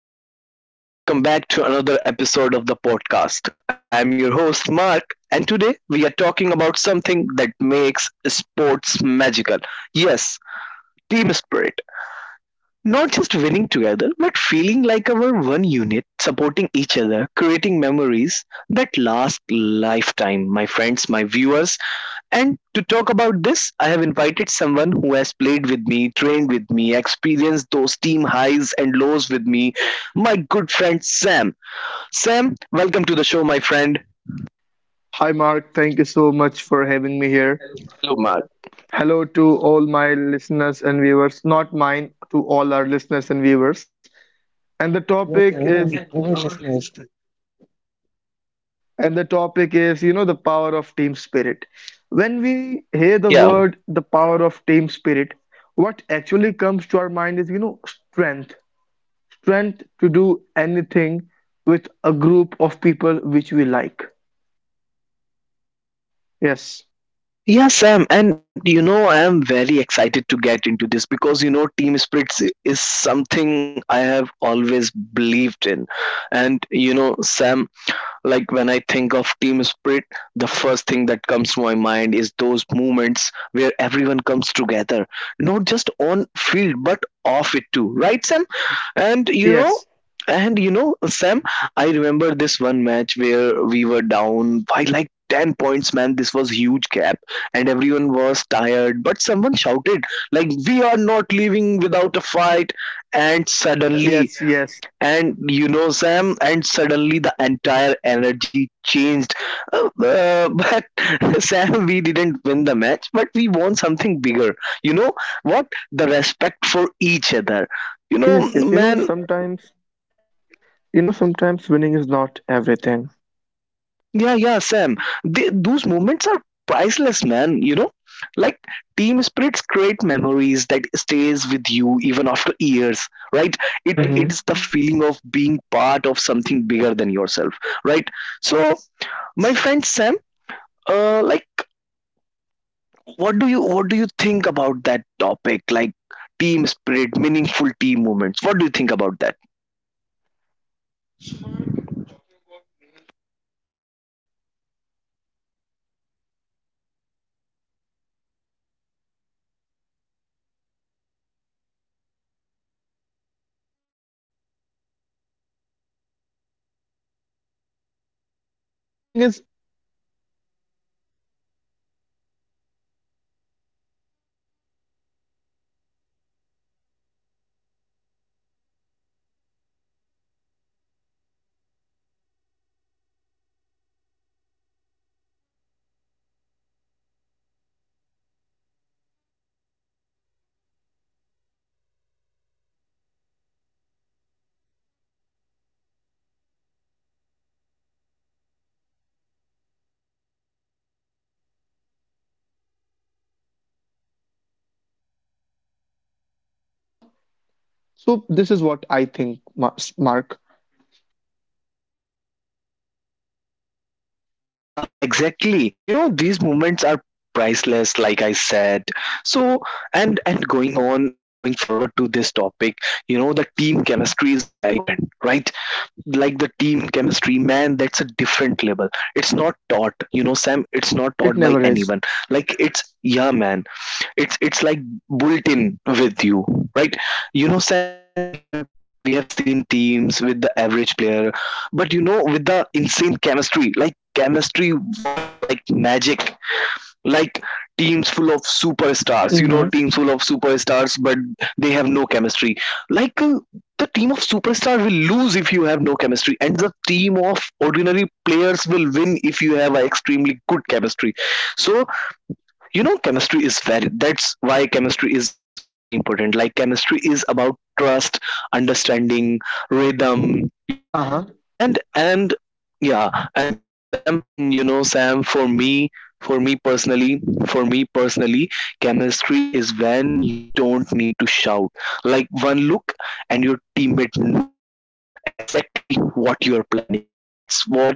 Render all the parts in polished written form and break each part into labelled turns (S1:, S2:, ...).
S1: Welcome my listeners. Welcome back to another episode of the podcast. I am your host Mark, and today we are talking about something that makes sports magical. Yes, team spirit. Not just winning together, but feeling like our one unit, supporting each other, creating memories that last lifetime. My friends, my viewers, and to talk about this, I have invited someone who has played with me, trained with me, experienced those team highs and lows with me, my good friend Sam. Sam, welcome to the show, my friend.
S2: Hi, Mark. Thank you so much for having me here.
S1: Hello, Mark.
S2: Hello to all my listeners and viewers, not mine, to all our listeners and viewers. And the topic
S1: Yes,
S2: is
S1: welcome, welcome listeners.
S2: And the topic is, the power of team spirit. When we hear the
S1: Yeah.
S2: word the power of team spirit, what actually comes to our mind is, strength. Strength to do anything with a group of people which we like. Yes.
S1: Yeah, Sam. And I am very excited to get into this because team spirit is something I have always believed in. And you know, Sam, like when I think of team spirit, the first thing that comes to my mind is those moments where everyone comes together, not just on field but off it too, right, Sam? And you
S2: Yes.
S1: know, and you know, Sam, I remember this one match where we were down by like 10 points, man. This was huge gap, and everyone was tired, but someone shouted, like, we are not leaving without a fight. And suddenly,
S2: Yes, yes.
S1: and you know sam and suddenly the entire energy changed. But Sam, we didn't win the match, but we won something bigger. You know what The respect for each other, you know
S2: Yes, yes. You know,
S1: man.
S2: sometimes You know, sometimes winning is not everything.
S1: Yeah, yeah, Sam. Those moments are priceless, man. Like Team spirits create memories that stays with you even after years, right?
S2: Hmm.
S1: It's the feeling of being part of something bigger than yourself, right? So,
S2: Yes.
S1: my friend Sam, uh, like, what do you think about that topic? Like team spirit, meaningful team moments. What do you think about that?
S2: So, Mark, talking about meaningful team moments, some of the most powerful moments in sport don't come from trophies, but from small team moments, like when the weakest player scores and the whole team celebrates harder, you know? The thing is, it's that huddle before a match, which nobody speaks of, yet everyone understands. The mission, it's when a teammate messes up, and instead of shouting, the team says next ball. So these are the moments that build trust, confidence, and emotional strength. You forget individual names and remember the feeling of being together, you know? Years later, you may forget the scrolling, the scoreline, but you'll remember the laughter, the sweat, and the bond. That the magic of team spirit, it is what team spirit actually means. So this is what I think, Mark.
S1: Yeah, exactly. You know, these moments are priceless, like I said. So, and going on, going forward to this topic, you know, the team chemistry is very important, right? Like the team chemistry, man, that's a different level. It's not taught, you know, Sam. It's not
S2: It
S1: taught by
S2: never is.
S1: anyone. Like it's yeah, man. It's like built in with you, right?
S2: Mhm.
S1: You know, Sam, we have seen teams with the average player, but you know, with the insane chemistry. Like chemistry works like magic. Like
S2: Mm-hmm.
S1: teams full of superstars, but they have no chemistry. Like, the team of superstar will lose if you have no chemistry, and the of ordinary players will win if you have an extremely good chemistry. So, you know chemistry is very that's why chemistry is very important. Like chemistry is about trust, understanding, rhythm,
S2: Uh-huh.
S1: you know. And and yeah and you know, Sam, for me, for me personally, chemistry is when you don't need to shout. Like one look and your teammate knows exactly what you're planning. That's what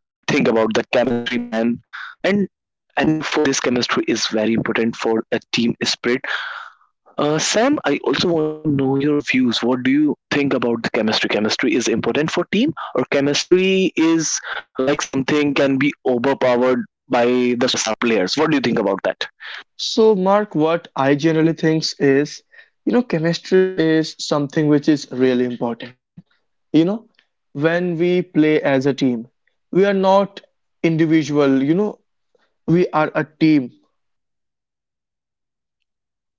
S1: I think about the chemistry, man. and and for this, chemistry is very important for a team spirit. Sam, I also want to know your views. What do you think about the chemistry? Chemistry is important for team, or chemistry is like something can be overpowered by the superstar players. What do you think about that?
S2: So, Mark, what I generally think is, chemistry is something which is really important. You know, when we play as a team, we are not individual, we are a team.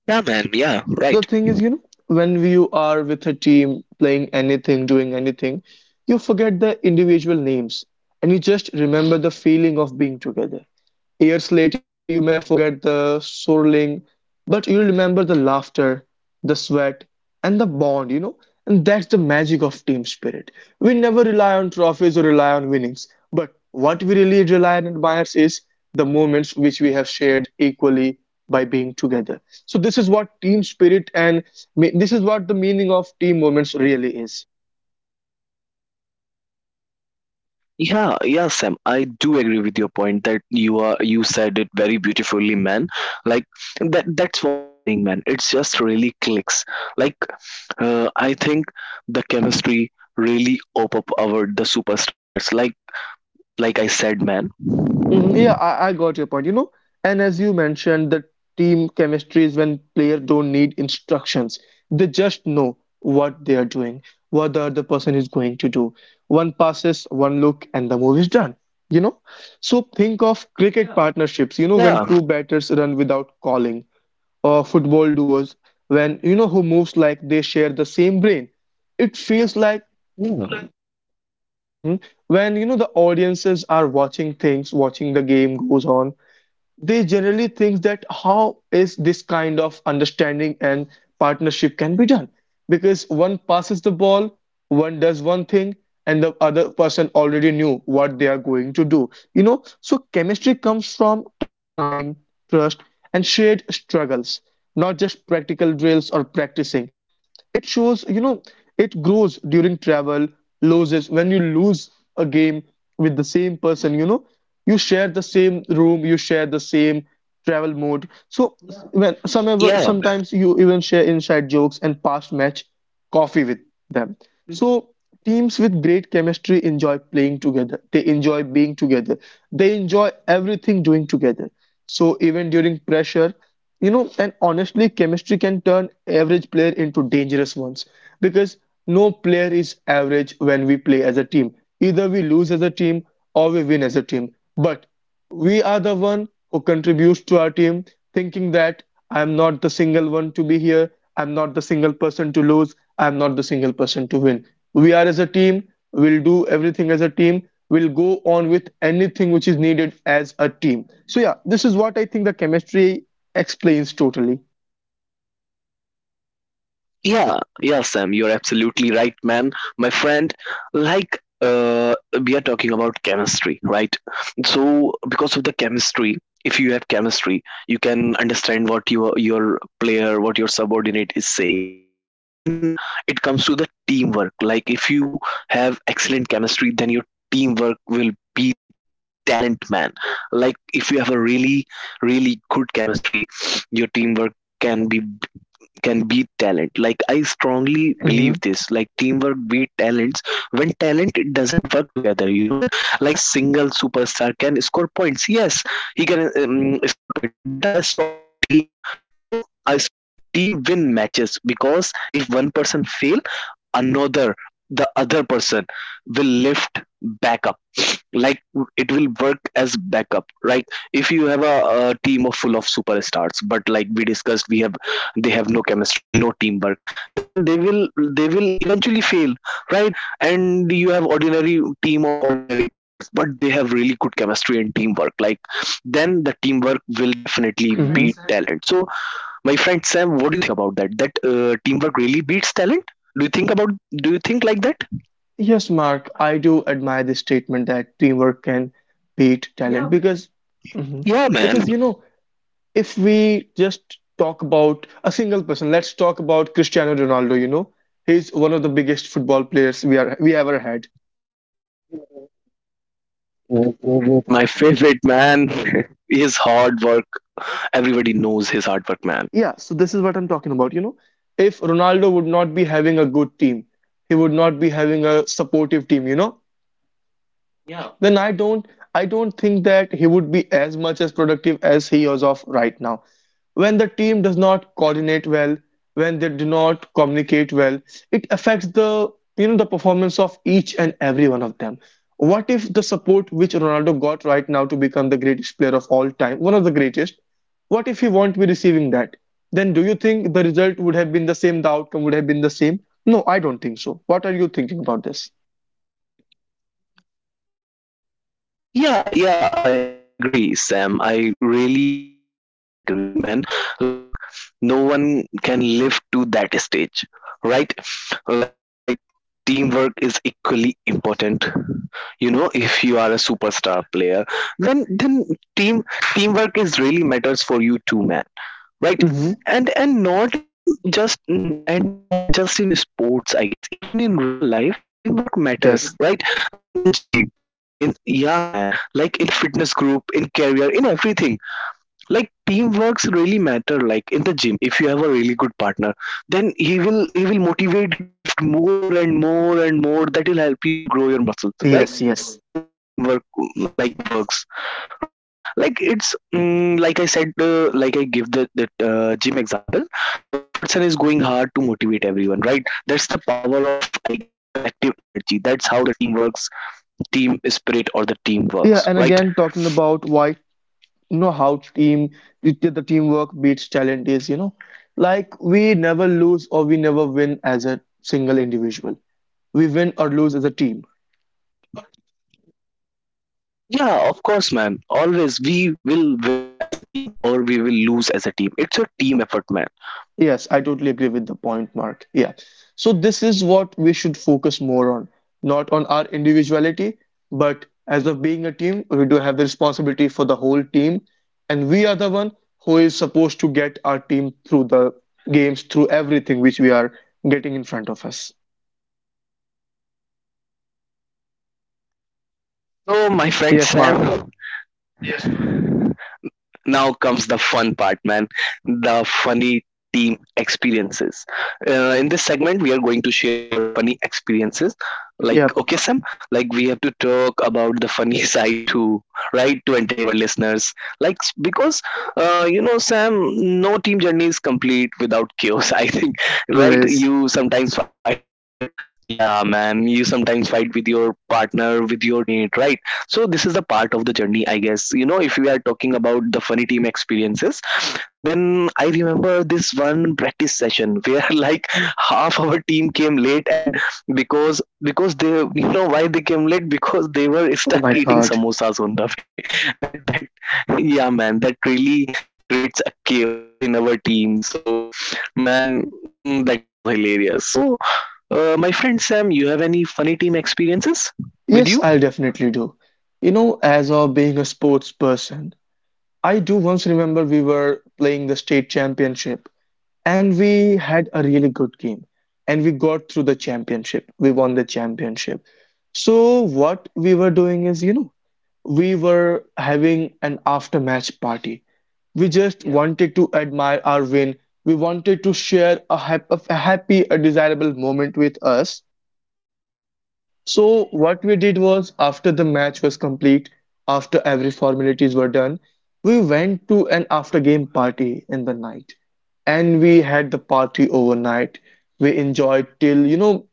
S1: Yeah, man. Yeah,
S2: So the
S1: right.
S2: thing is, when you are with a team playing anything, doing anything, you forget the individual names and you just remember the feeling of being together. Years later, you may forget the swirling, but you remember the laughter, the sweat, and the bond, you know? And that's the magic of team spirit. We never rely on trophies or rely on winnings, but what we really rely on and admires is the moments which we have shared equally by being together. So this is what team spirit and this is what the meaning of team moments really is.
S1: Yeah, yeah, Sam. I do agree with your point that you said it very beautifully, man. Like that's what I'm saying, man. It's just really clicks. Like, I think the chemistry really op up our the superstar players. Like I said, man.
S2: Mhm. Yeah, I got your point, you know. And as you mentioned, the team chemistry is when players don't need instructions. They just know what they are doing, what the other person is going to do. One passes, one look, and the move is done. You know? So think of cricket partnerships, when two
S1: Yeah,
S2: batters run without calling, or football duos, when you know who moves like they share the same brain. It feels like.
S1: Yeah.
S2: Mhm. When you know the audiences are watching things, watching the game goes on, they generally think that how is this kind of understanding and partnership can be done? Because one passes the ball, one does one thing, and the other person already knew what they are going to do. You know, so chemistry comes from time, trust, and shared struggles, not just practical drills or practicing. It shows, you know. It grows during travel, loses when you lose a game with the same person. You know, you share the same room, you share the same travel mode. So when some ever
S1: yeah.
S2: sometimes you even share inside jokes and past match coffee with them. So teams with great chemistry enjoy playing together. They enjoy being together. They enjoy everything doing together. So even during pressure, and honestly, chemistry can turn average player into dangerous ones, because no player is average when we play as a team. Either we lose as a team or we win as a team. But we are the one who contributes to our team, thinking that I'm not the single one to be here, I'm not the single person to lose, I'm not the single person to win. We are as a team, we'll do everything as a team, we'll go on with anything which is needed as a team. So, yeah, this is what I think the chemistry explains totally.
S1: Yeah, yeah, Sam, you're absolutely right, man. My friend, like, we are talking about chemistry, right? So, because of the chemistry, if you chemistry, you can understand what your player, what your subordinate is saying. Then it comes to the teamwork. Like, if you have excellent chemistry, then your teamwork will beat talent, man. Like, if you have a really, really good chemistry, your teamwork can be can beat talent. Like I strongly believe
S2: Hmm.
S1: this. Like teamwork beat talents when talent doesn't work together. You know, man. Like a single superstar can score points. Yes, he can score points. But a strong team, you know, a strong team win matches because if one person fail, another, the other person will lift back up. Like it will work backup, right? If you have a team of full of superstars, but like we discussed, we have they have no chemistry, no teamwork, then they will eventually fail, right? And you have ordinary team of ordinary players, but they have really good chemistry and teamwork. Like then the teamwork will definitely
S2: Hmm.
S1: beat talent. So, my friend Sam, what do you think about that, that teamwork really beats talent? do you think about do you think like that?
S2: Yes, Mark, I do admire this statement that teamwork can beat talent, because. Mhm. Because
S1: Yeah, man.
S2: if we just talk about a single person, let's talk about Cristiano Ronaldo, you know. He's one of the biggest football players we ever had.
S1: Oh, oh, oh, my favorite man. His hard work. Everybody knows his hard work,
S2: Yeah,
S1: man.
S2: so this is what I'm talking about, you know. If Ronaldo would not be having a good team, he would not be having a supportive team, you know, then I don't think that he would be as much as productive as he is of right now. When the team does not coordinate well, when they do not communicate well, it affects the you know the performance of each and every one of them. What if the support which Ronaldo got right now to become the greatest player of all time, one of the greatest, what if he won't be receiving that? Then do you think the result would have been the same, the outcome would have been the same? No, I don't think so. What are you thinking about this?
S1: Yeah, yeah, I agree, Sam. I really do much agree, man. Like, without teamwork, no one can live to that stage, right? Like, teamwork is equally important. You know, if you are a superstar player, then then team teamwork is really matters for you too, man. Right.
S2: Hmm.
S1: And not in and not just in sports, I guess. Even in real life teamwork
S2: Yeah, it
S1: matters,
S2: does.
S1: right? Like in the gym, in yeah man, like in the fitness group, in career, in everything. Like teamworks really matter. Like in the gym, if you have a really good partner, then he will motivate you to lift more and more and more. That will help you to grow your muscles, right?
S2: Yes, yes.
S1: That's how the teamwork like works, right? Like it's like I said, like I give the that gym example. One person is going hard to motivate everyone, right? That's the power of, I guess, the collective energy. That's how the team works, team spirit, or the team
S2: Yeah, and
S1: works,
S2: again,
S1: right?
S2: talking about why, how team, the teamwork beats talent is, like we never lose or we never win as a single individual. We win or lose as a team.
S1: Yeah, of course, man. Always we will win as a team or we will lose as a team. It's a team effort, man.
S2: Yes, I totally agree with the point, Mark. Yeah. So this is what we should focus more on, not on our individuality, but as of being a team, we do have the responsibility for the whole team, and we are the one who is supposed to get our team through the games, through everything which we are getting in front of us.
S1: So, my friend
S2: Yes, Mark.
S1: Sam, yes, bro, now comes the fun part, man. The funny team experiences. In this segment, we are going to share our funny experiences.
S2: Yeah,
S1: Like, okay, Sam, like we have to talk about the funny side too, right? To entertain our listeners. Like, because, you know, Sam, no team journey is complete without chaos, I think,
S2: it never
S1: right?
S2: is.
S1: You sometimes fight with your, yeah, man, you sometimes fight with your partner, with your teammate, right? So this is the part of the journey, I guess. You know, if we are talking about the funny team experiences, then I remember this one practice session where like half our team came late, and because they you know why they came late? Because they were stuck
S2: Oh
S1: eating
S2: my God.
S1: samosas on the way. That that Yeah, man, that really chaos in our team. So man, that was hilarious. So my friend Sam, you have any funny team experiences with you?
S2: Yes, I'll definitely do. You know, as of being a sports person, I do once remember we were playing the state championship and we had a really good game and we got through the championship. We won the championship. So what we were doing is, you know, we were having an after match party. We just wanted to admire our win. We wanted to share a, a happy, a desirable moment with us. So what we did was after the match was complete, after every formalities were done, we went to an after game party in the night and we had the party overnight. We enjoyed till,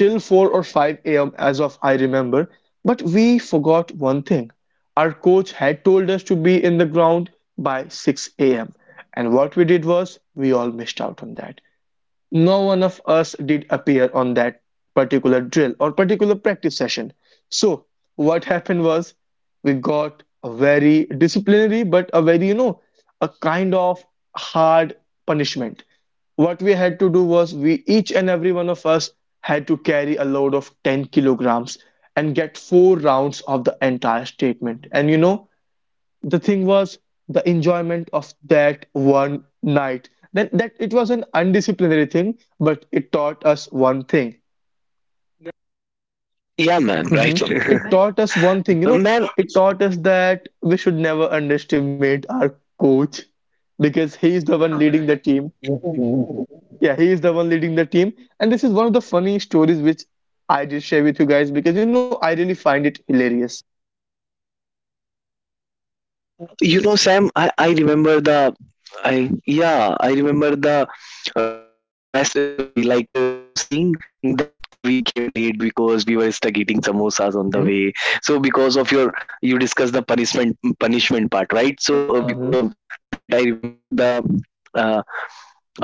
S2: till 4 or 5 a.m. as of I remember. But we forgot one thing. Our coach had told us to be in the ground by 6 a.m. And what we did was we all missed out on that. No one of us did appear on that particular drill or particular practice session. So, what happened was we got a very disciplinary, but a very, a kind of hard punishment. What we had to do was we each and every one of us had to carry a load of 10 kilograms and get four rounds of the entire statement. And you know, the thing was the enjoyment of that one night. Then that it was an undisciplinary thing, but it taught us one thing.
S1: Yeah, man, right
S2: Mhm. It
S1: on.
S2: taught us one thing, you know.
S1: Man,
S2: It taught us that we should never underestimate our coach, because he is the one leading the team.
S1: you
S2: Yeah, he is the one leading the team. And this is one of the funny stories which I did share with you guys, because I really find it hilarious.
S1: know, Sam, I remember the. I yeah, I remember the rest story. Like I'm saying that kiwi came late because we were stuck eating samosas on the
S2: Hmm.
S1: way. So because of your you discussed the punishment part, right? So
S2: Hmm.
S1: because of that, I remember the uh,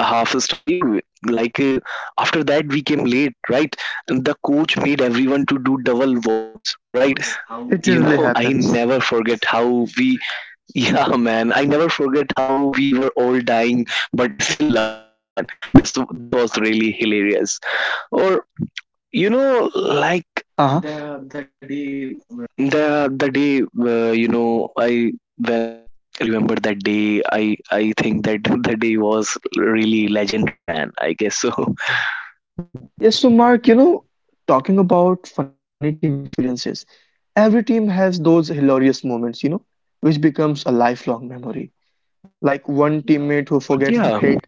S1: half a story. Like, after that, we came late, right? And the coach made everyone to do double warm ups, right?
S2: Yes, it
S1: You
S2: generally
S1: know, I
S2: happens.
S1: never forget how we Yeah, man. I never forget how we were all dying, but still laughing, man. This was really hilarious. Or you know, like
S2: Uh-huh.
S1: the day, you know, I when I remember that day, I think that the day was really legendary, man. I guess so.
S2: Yes, so Mark, talking about funny team experiences, every team has those hilarious moments, which becomes a lifelong memory. Like one teammate who forgets the
S1: Yeah,
S2: kick,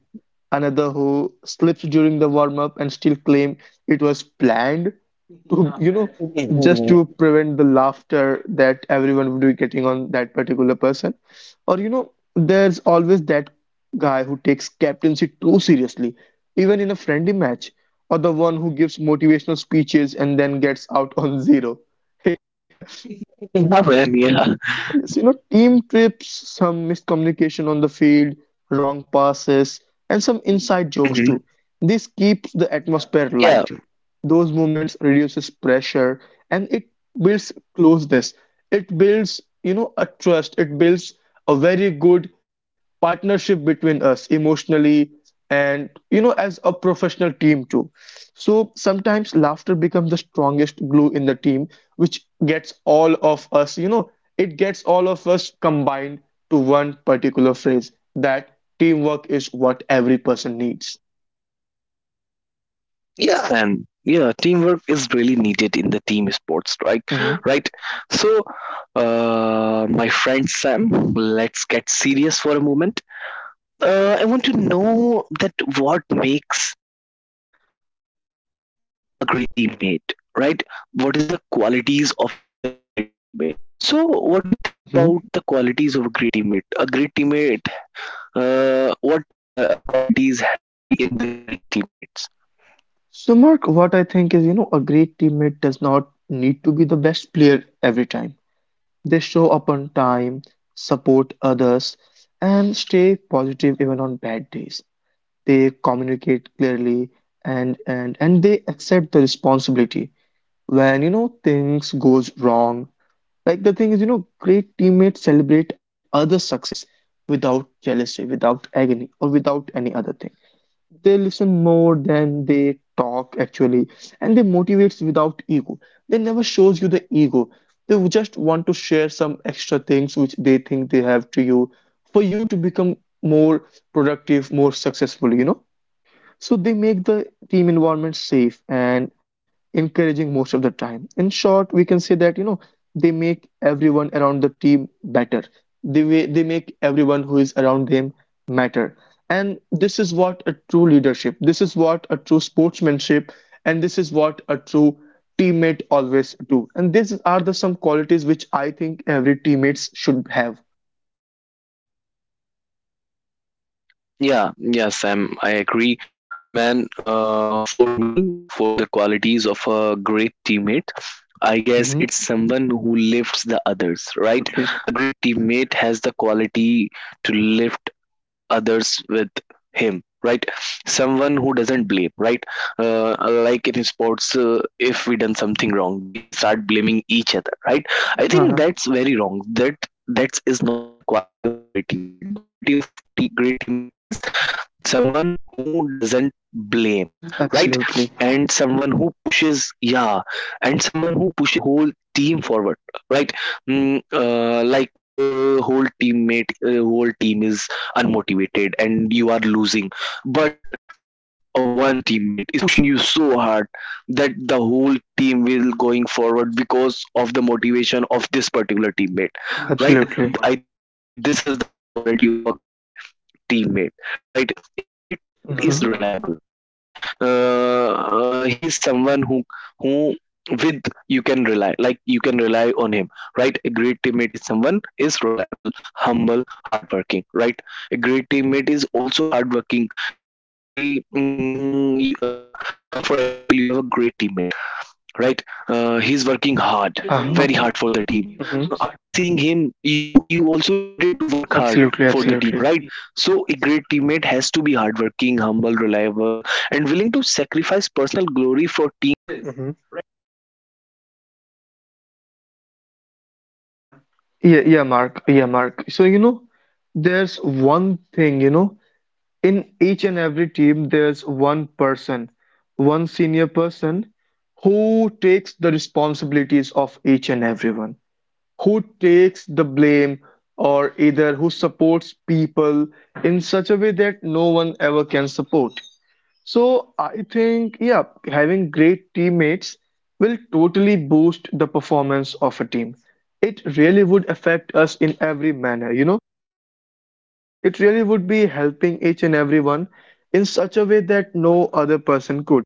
S2: another who slips during the warm up and still claim it was planned, to you know
S1: yeah,
S2: just to
S1: man.
S2: prevent the laughter that everyone would be getting on that particular person. Or there's always that guy who takes captaincy too seriously even in a friendly match, or the one who gives motivational speeches and then gets out on zero.
S1: Yeah.
S2: Yes, team trips, some miscommunication on the field, wrong passes, and some inside jokes too.
S1: Mhm.
S2: This keeps the atmosphere light.
S1: Yeah.
S2: Those moments reduces pressure and it builds closeness. It builds, you know, a trust. It builds a very good partnership between us emotionally and, as a professional team too. So sometimes laughter becomes the strongest glue in the team, which gets all of us, it gets all of us combined to one particular phrase that teamwork is what every person needs.
S1: Yeah, and yeah, teamwork is really needed in the team sports, right?
S2: Hmm.
S1: Right. So, my friend Sam, let's get serious for a moment. I want to know that what makes a great teammate, right? What is the qualities of the great teammate? So what do you think about
S2: Hmm.
S1: the qualities of a great teammate, qualities had to be in the great teammates?
S2: So, Mark, what I think is, a great teammate does not need to be the best player every time. They show up on time, support others, and stay positive even on bad days. They communicate clearly and they accept the responsibility when things goes wrong. Like the thing is, great teammates celebrate other success without jealousy, without agony, or without any other thing. They listen more than they talk actually, and they motivates without ego. They never shows you the ego. They would just want to share some extra things which they think they have to you for you to become more productive, more successful. So they make the team environment safe and encouraging most of the time. In short, we can say that, they make everyone around the team better. They make everyone who is around them matter. And this is what a true leadership, this is what a true sportsmanship, and this is what a true teammate always do. And these are the some qualities which I think every teammates should have.
S1: Yeah, yeah, Sam, I agree. Man, for me, for the qualities of a great teammate, I guess
S2: Mhm.
S1: it's someone who lifts the others, right?
S2: Absolutely.
S1: A great teammate has the quality to lift others with him, right? Someone who doesn't blame, right? uh, like in sports, if we done something wrong we start blaming each other, right? I think
S2: Uh-huh.
S1: that's very wrong. That is not a quality of a great teammate. The quality of great teammate is someone who doesn't blame, right? And
S2: Absolutely.
S1: someone who pushes, yeah, and someone who pushes the whole team forward, right? Whole teammate, whole team is unmotivated and you are losing, but one teammate is pushing you so hard that the whole team will going forward because of the motivation of this particular teammate, right?
S2: Absolutely.
S1: I think this is the quality of a great teammate, right? A great teammate is
S2: Hmm.
S1: reliable, right? He is someone who who with you can rely, like you can rely on him, right? A great teammate is someone is reliable, humble, hardworking, right? A great teammate is also hardworking. Like by mm, you are, For example, you have a great teammate, right? He's working hard, very
S2: Uh-huh.
S1: hard for the team.
S2: Hmm.
S1: After seeing him, you also started to work hard
S2: Absolutely,
S1: for the team,
S2: absolutely.
S1: right?
S2: Be.
S1: So a great teammate has to be hardworking, humble, reliable, and willing to sacrifice personal glory for team,
S2: Hmm.
S1: right? For team success, right? I think this is the qualities of a great
S2: Yeah,
S1: teammate.
S2: yeah, Mark.
S1: You
S2: Yeah,
S1: know,
S2: Mark.
S1: Sam.
S2: So, there's one thing, in each and every team, there's one person, one senior person who takes the responsibilities of each and everyone, who takes the blame, or either who supports people in such a way that no one ever can support. So I think, yeah, having great teammates will totally boost the performance of a team. It really would affect us in every manner. It really would be helping each and everyone in such a way that no other person could.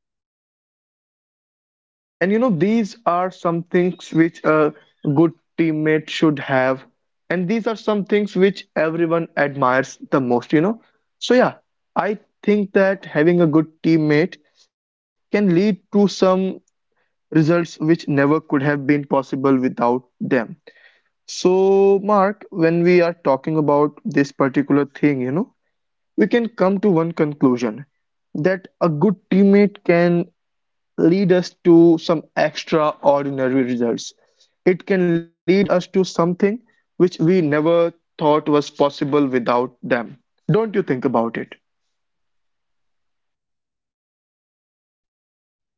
S2: And these are some things which a good teammate should have, and these are some things which everyone admires the most, So yeah, I think that having a good teammate can lead to some results which never could have been possible without them. So, Mark, when we are talking about this particular thing, we can come to one conclusion that a good teammate can lead us to some extraordinary results. It can lead us to something which we never thought was possible without them. Don't you think about it?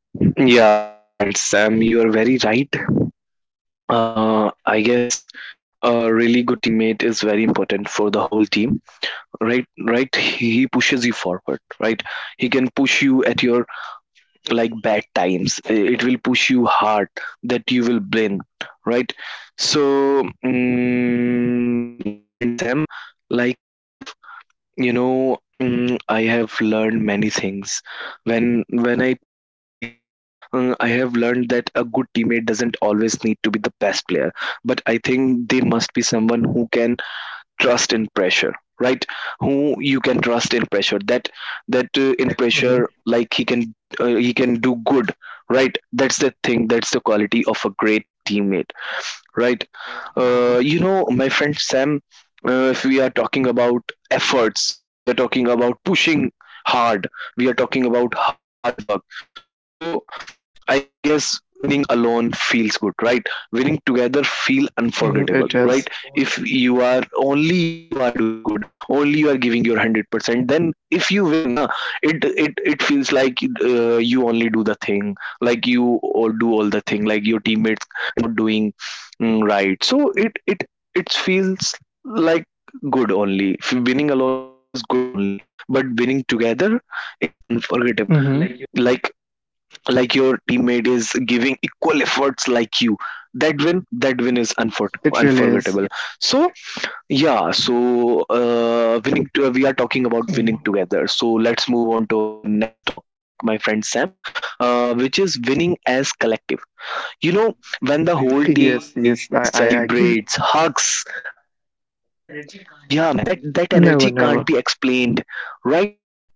S1: Yeah, my friend Sam, you are very right. I guess a really good teammate is very important for the whole team, right? Right? He pushes you forward, right? He can push you at your like bad times. It will push you hard that you will win, right? So, my friend Sam, like I have I have learned many things when I play the team sport, right? I have learned that a good teammate doesn't always need to be the best player, but I think they must be someone who can trust in pressure, right? Who you can trust in pressure, that in pressure
S2: Mhm.
S1: like he can do good, right? That's the thing. That's the quality of a great teammate, right? You know, my friend Sam, if we are talking about efforts, we are talking about pushing hard, we are talking about hard work. So, I guess winning alone feels good, right? Winning together feel
S2: Mhm,
S1: unforgettable,
S2: it
S1: right?
S2: is.
S1: If you are only you are doing good, only you are giving your 100%, then if you win, na, it feels like you only do the thing, like you all do all the thing, like your teammates not doing, right. So it feels like good, only winning alone is good only, but winning together is unforgettable,
S2: Mhm.
S1: like your teammate is giving equal efforts like you. That win,
S2: It really
S1: unforgettable.
S2: is.
S1: So yeah, so we are talking about winning together, so let's move on to our next topic, my friend Sam, which is winning as collective, you know, when the whole team
S2: Yes,
S1: screams,
S2: yes, I
S1: celebrates,
S2: agree.
S1: hugs. Yeah, man, that energy
S2: Never,
S1: can't
S2: never.
S1: be explained, right?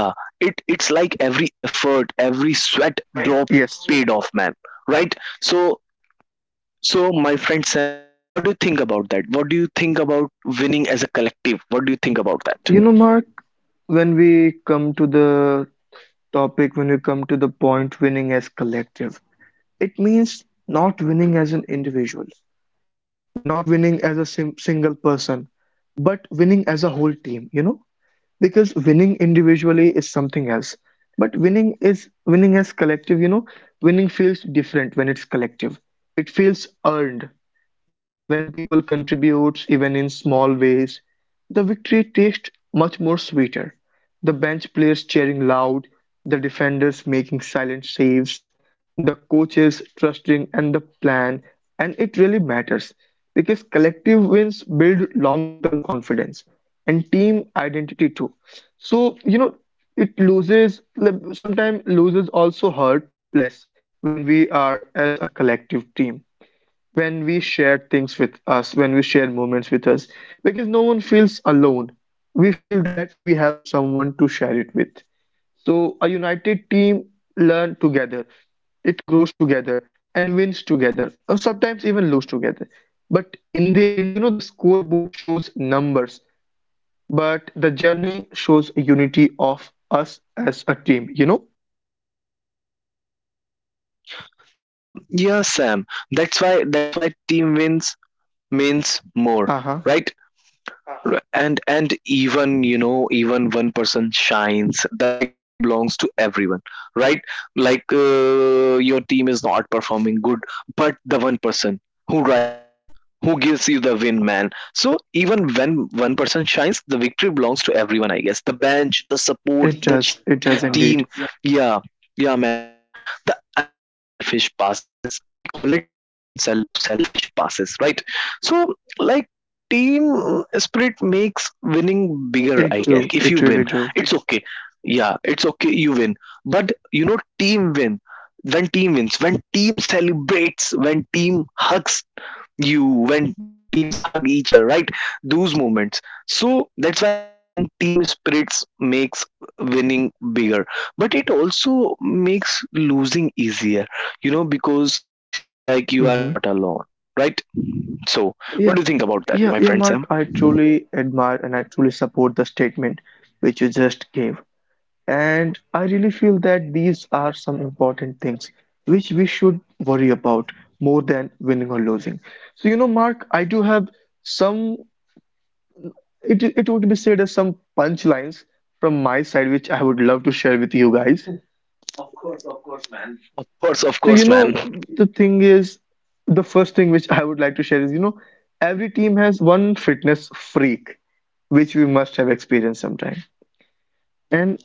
S1: Yeah, it it's like every effort, every sweat drop paid
S2: Yes.
S1: off, man. Right? So so my friend Sam, what do you think about that? What do you think about winning as a collective? What do you think about that?
S2: You know, Mark, when we come to the topic, when we come to the point winning as collective, it means not winning as an individual, not winning as a sim single person, but winning as a whole team, you know? Because winning individually is something else. But winning is winning as collective, you know, winning feels different when it's collective. It feels earned when people contribute even in small ways. The victory tastes much more sweeter. The bench players cheering loud, the defenders making silent saves, the coaches trusting and the plan, and it really matters because collective wins build long term confidence and team identity too. So it loses, sometimes loses also hurt less when we are as a collective team, when we share things with us, when we share moments with us, because no one feels alone. We feel that we have someone to share it with. So a united team learn together, it grows together and wins together, or sometimes even lose together. But in the end, the scoreboard shows numbers, but the journey shows unity of us as a team, you know?
S1: Yeah, yeah, Sam. That's why team wins means more,
S2: Uh-huh.
S1: right? Right. And even, you know, even one person shines, the victory belongs to everyone, right? Like your team is not performing good, but the one person who rises, who gives you the win, man. So even when one person shines, the victory belongs to everyone. I guess the bench, the support,
S2: It
S1: the
S2: does. It
S1: cheering
S2: does indeed.
S1: team. Yeah. Yeah, man, the unselfish passes we call it the unselfish passes, right? So like team spirit makes winning bigger,
S2: It
S1: I
S2: do.
S1: guess.
S2: It
S1: Like if
S2: really
S1: you
S2: do.
S1: win, yeah, it's okay, you win, but you know, team win, when team wins, when team celebrates, when team hugs you, when teams hug each other, right, those moments. So that's why I'm saying team spirits makes winning bigger, but it also makes losing easier, you know, because like you are
S2: Mm-hmm.
S1: not alone, right? So what do you
S2: Yeah.
S1: think about that, my
S2: Yeah,
S1: friend
S2: yeah,
S1: Sam?
S2: Mark, I truly admire and I truly support the statement which you just gave. And I really feel that these are some important things which we should worry about more than winning or losing. So, Mark, I do have some it would be said as some punchlines from my side, which I would love to share with you guys.
S1: Of
S2: So,
S1: course, man.
S2: the thing is, the first thing which I would like to share is, every team has one fitness freak, which we must have experienced sometime. And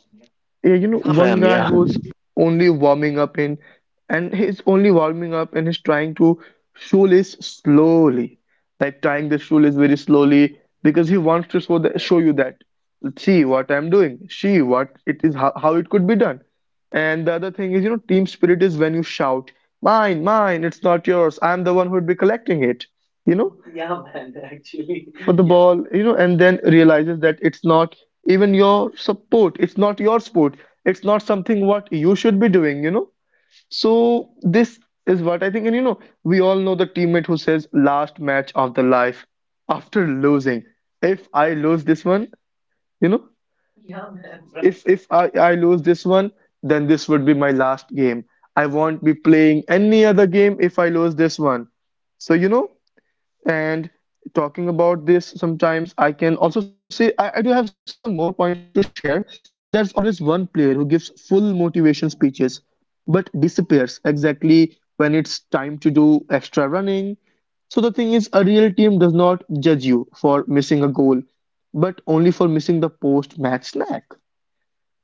S2: yeah,
S1: Yeah,
S2: one
S1: man.
S2: guy
S1: Yeah,
S2: who's only warming up in, and he's only warming up and he's trying to shoelace slowly, like tying the shoelace very slowly because he wants to show the, show you that see what I'm doing, see what it is, how it could be done. And the other thing is, team spirit is when you shout, mine, mine, it's not yours. I'm the one who would be collecting it, you know, for the yeah
S1: yeah,
S2: ball,
S1: man.
S2: and then
S1: Actually,
S2: realizes that
S1: yeah,
S2: it's not even your support, it's not your sport, it's not something what you should be doing, So this is what I think, and we all know the teammate who says last match of the life after losing. If I lose this one. You know, if if I, I lose
S1: yeah,
S2: this
S1: man.
S2: one,
S1: Right.
S2: then this would be my last game. I won't be playing any other game if I lose this one. So and talking about this, sometimes I can also say I do have some more points to share. There's always one player who gives full motivation speeches, but
S1: Yeah, man.
S2: disappears
S1: Yeah.
S2: exactly when it's time to do extra running. So the thing is, a real team does not judge you for missing a goal, but only for missing the post-match snack.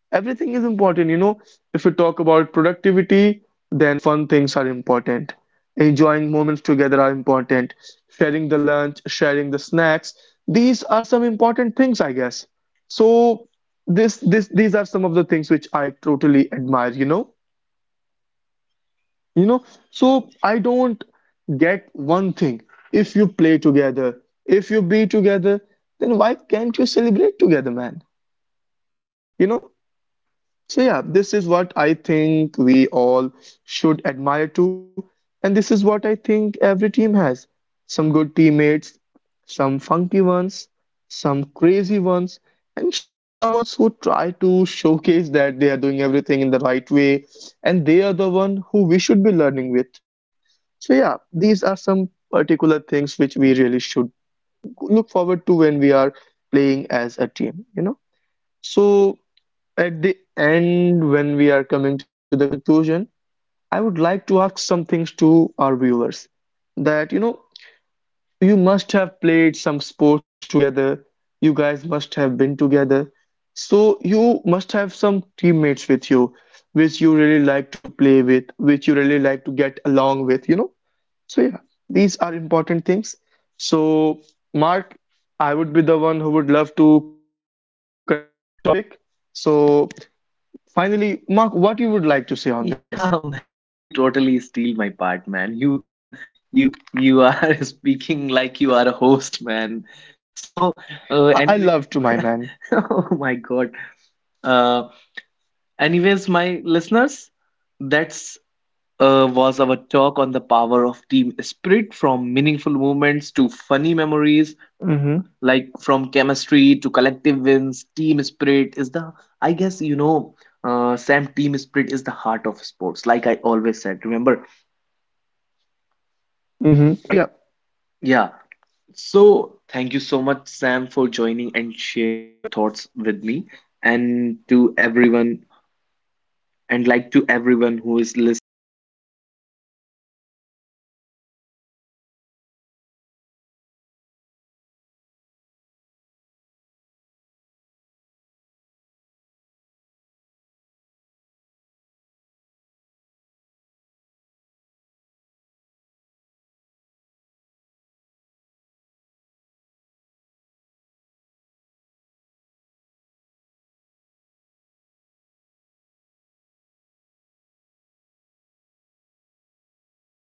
S2: Everything is important, If we talk about productivity, then fun things are important. Enjoying moments together are important. Sharing the lunch, sharing the snacks, these are some important things, I guess. So this these are some of the things which I totally admire, You know, so I don't get one thing. If you play together, if you be together, then why can't you celebrate together, man? You know? So yeah, this is what I think we all should admire too, and this is what I think every team has. Some good teammates, some funky ones, some crazy ones, and some ones who try to showcase that they are doing everything in the right way, and they are the one who we should be learning with. So yeah, these are some particular things which we really should look forward to when we are playing as a team, So at the end, when we are coming to the conclusion, I would like to ask some things to our viewers that you must have played some sports together, you guys must have been together, so you must have some teammates with you, which you really like to play with, which you really like to get along with, So, yeah, these are important things. So, Mark, I would be the one who would love to conclude this topic. So, finally, Mark, what you would like to say on this? Yeah, I love to my man. Mm-hmm. Mm-hmm. Yeah. Mm-hmm. Uh-huh. Mm-hmm. Thank you so much, everyone. We really admire your time and patience. Thank you so much.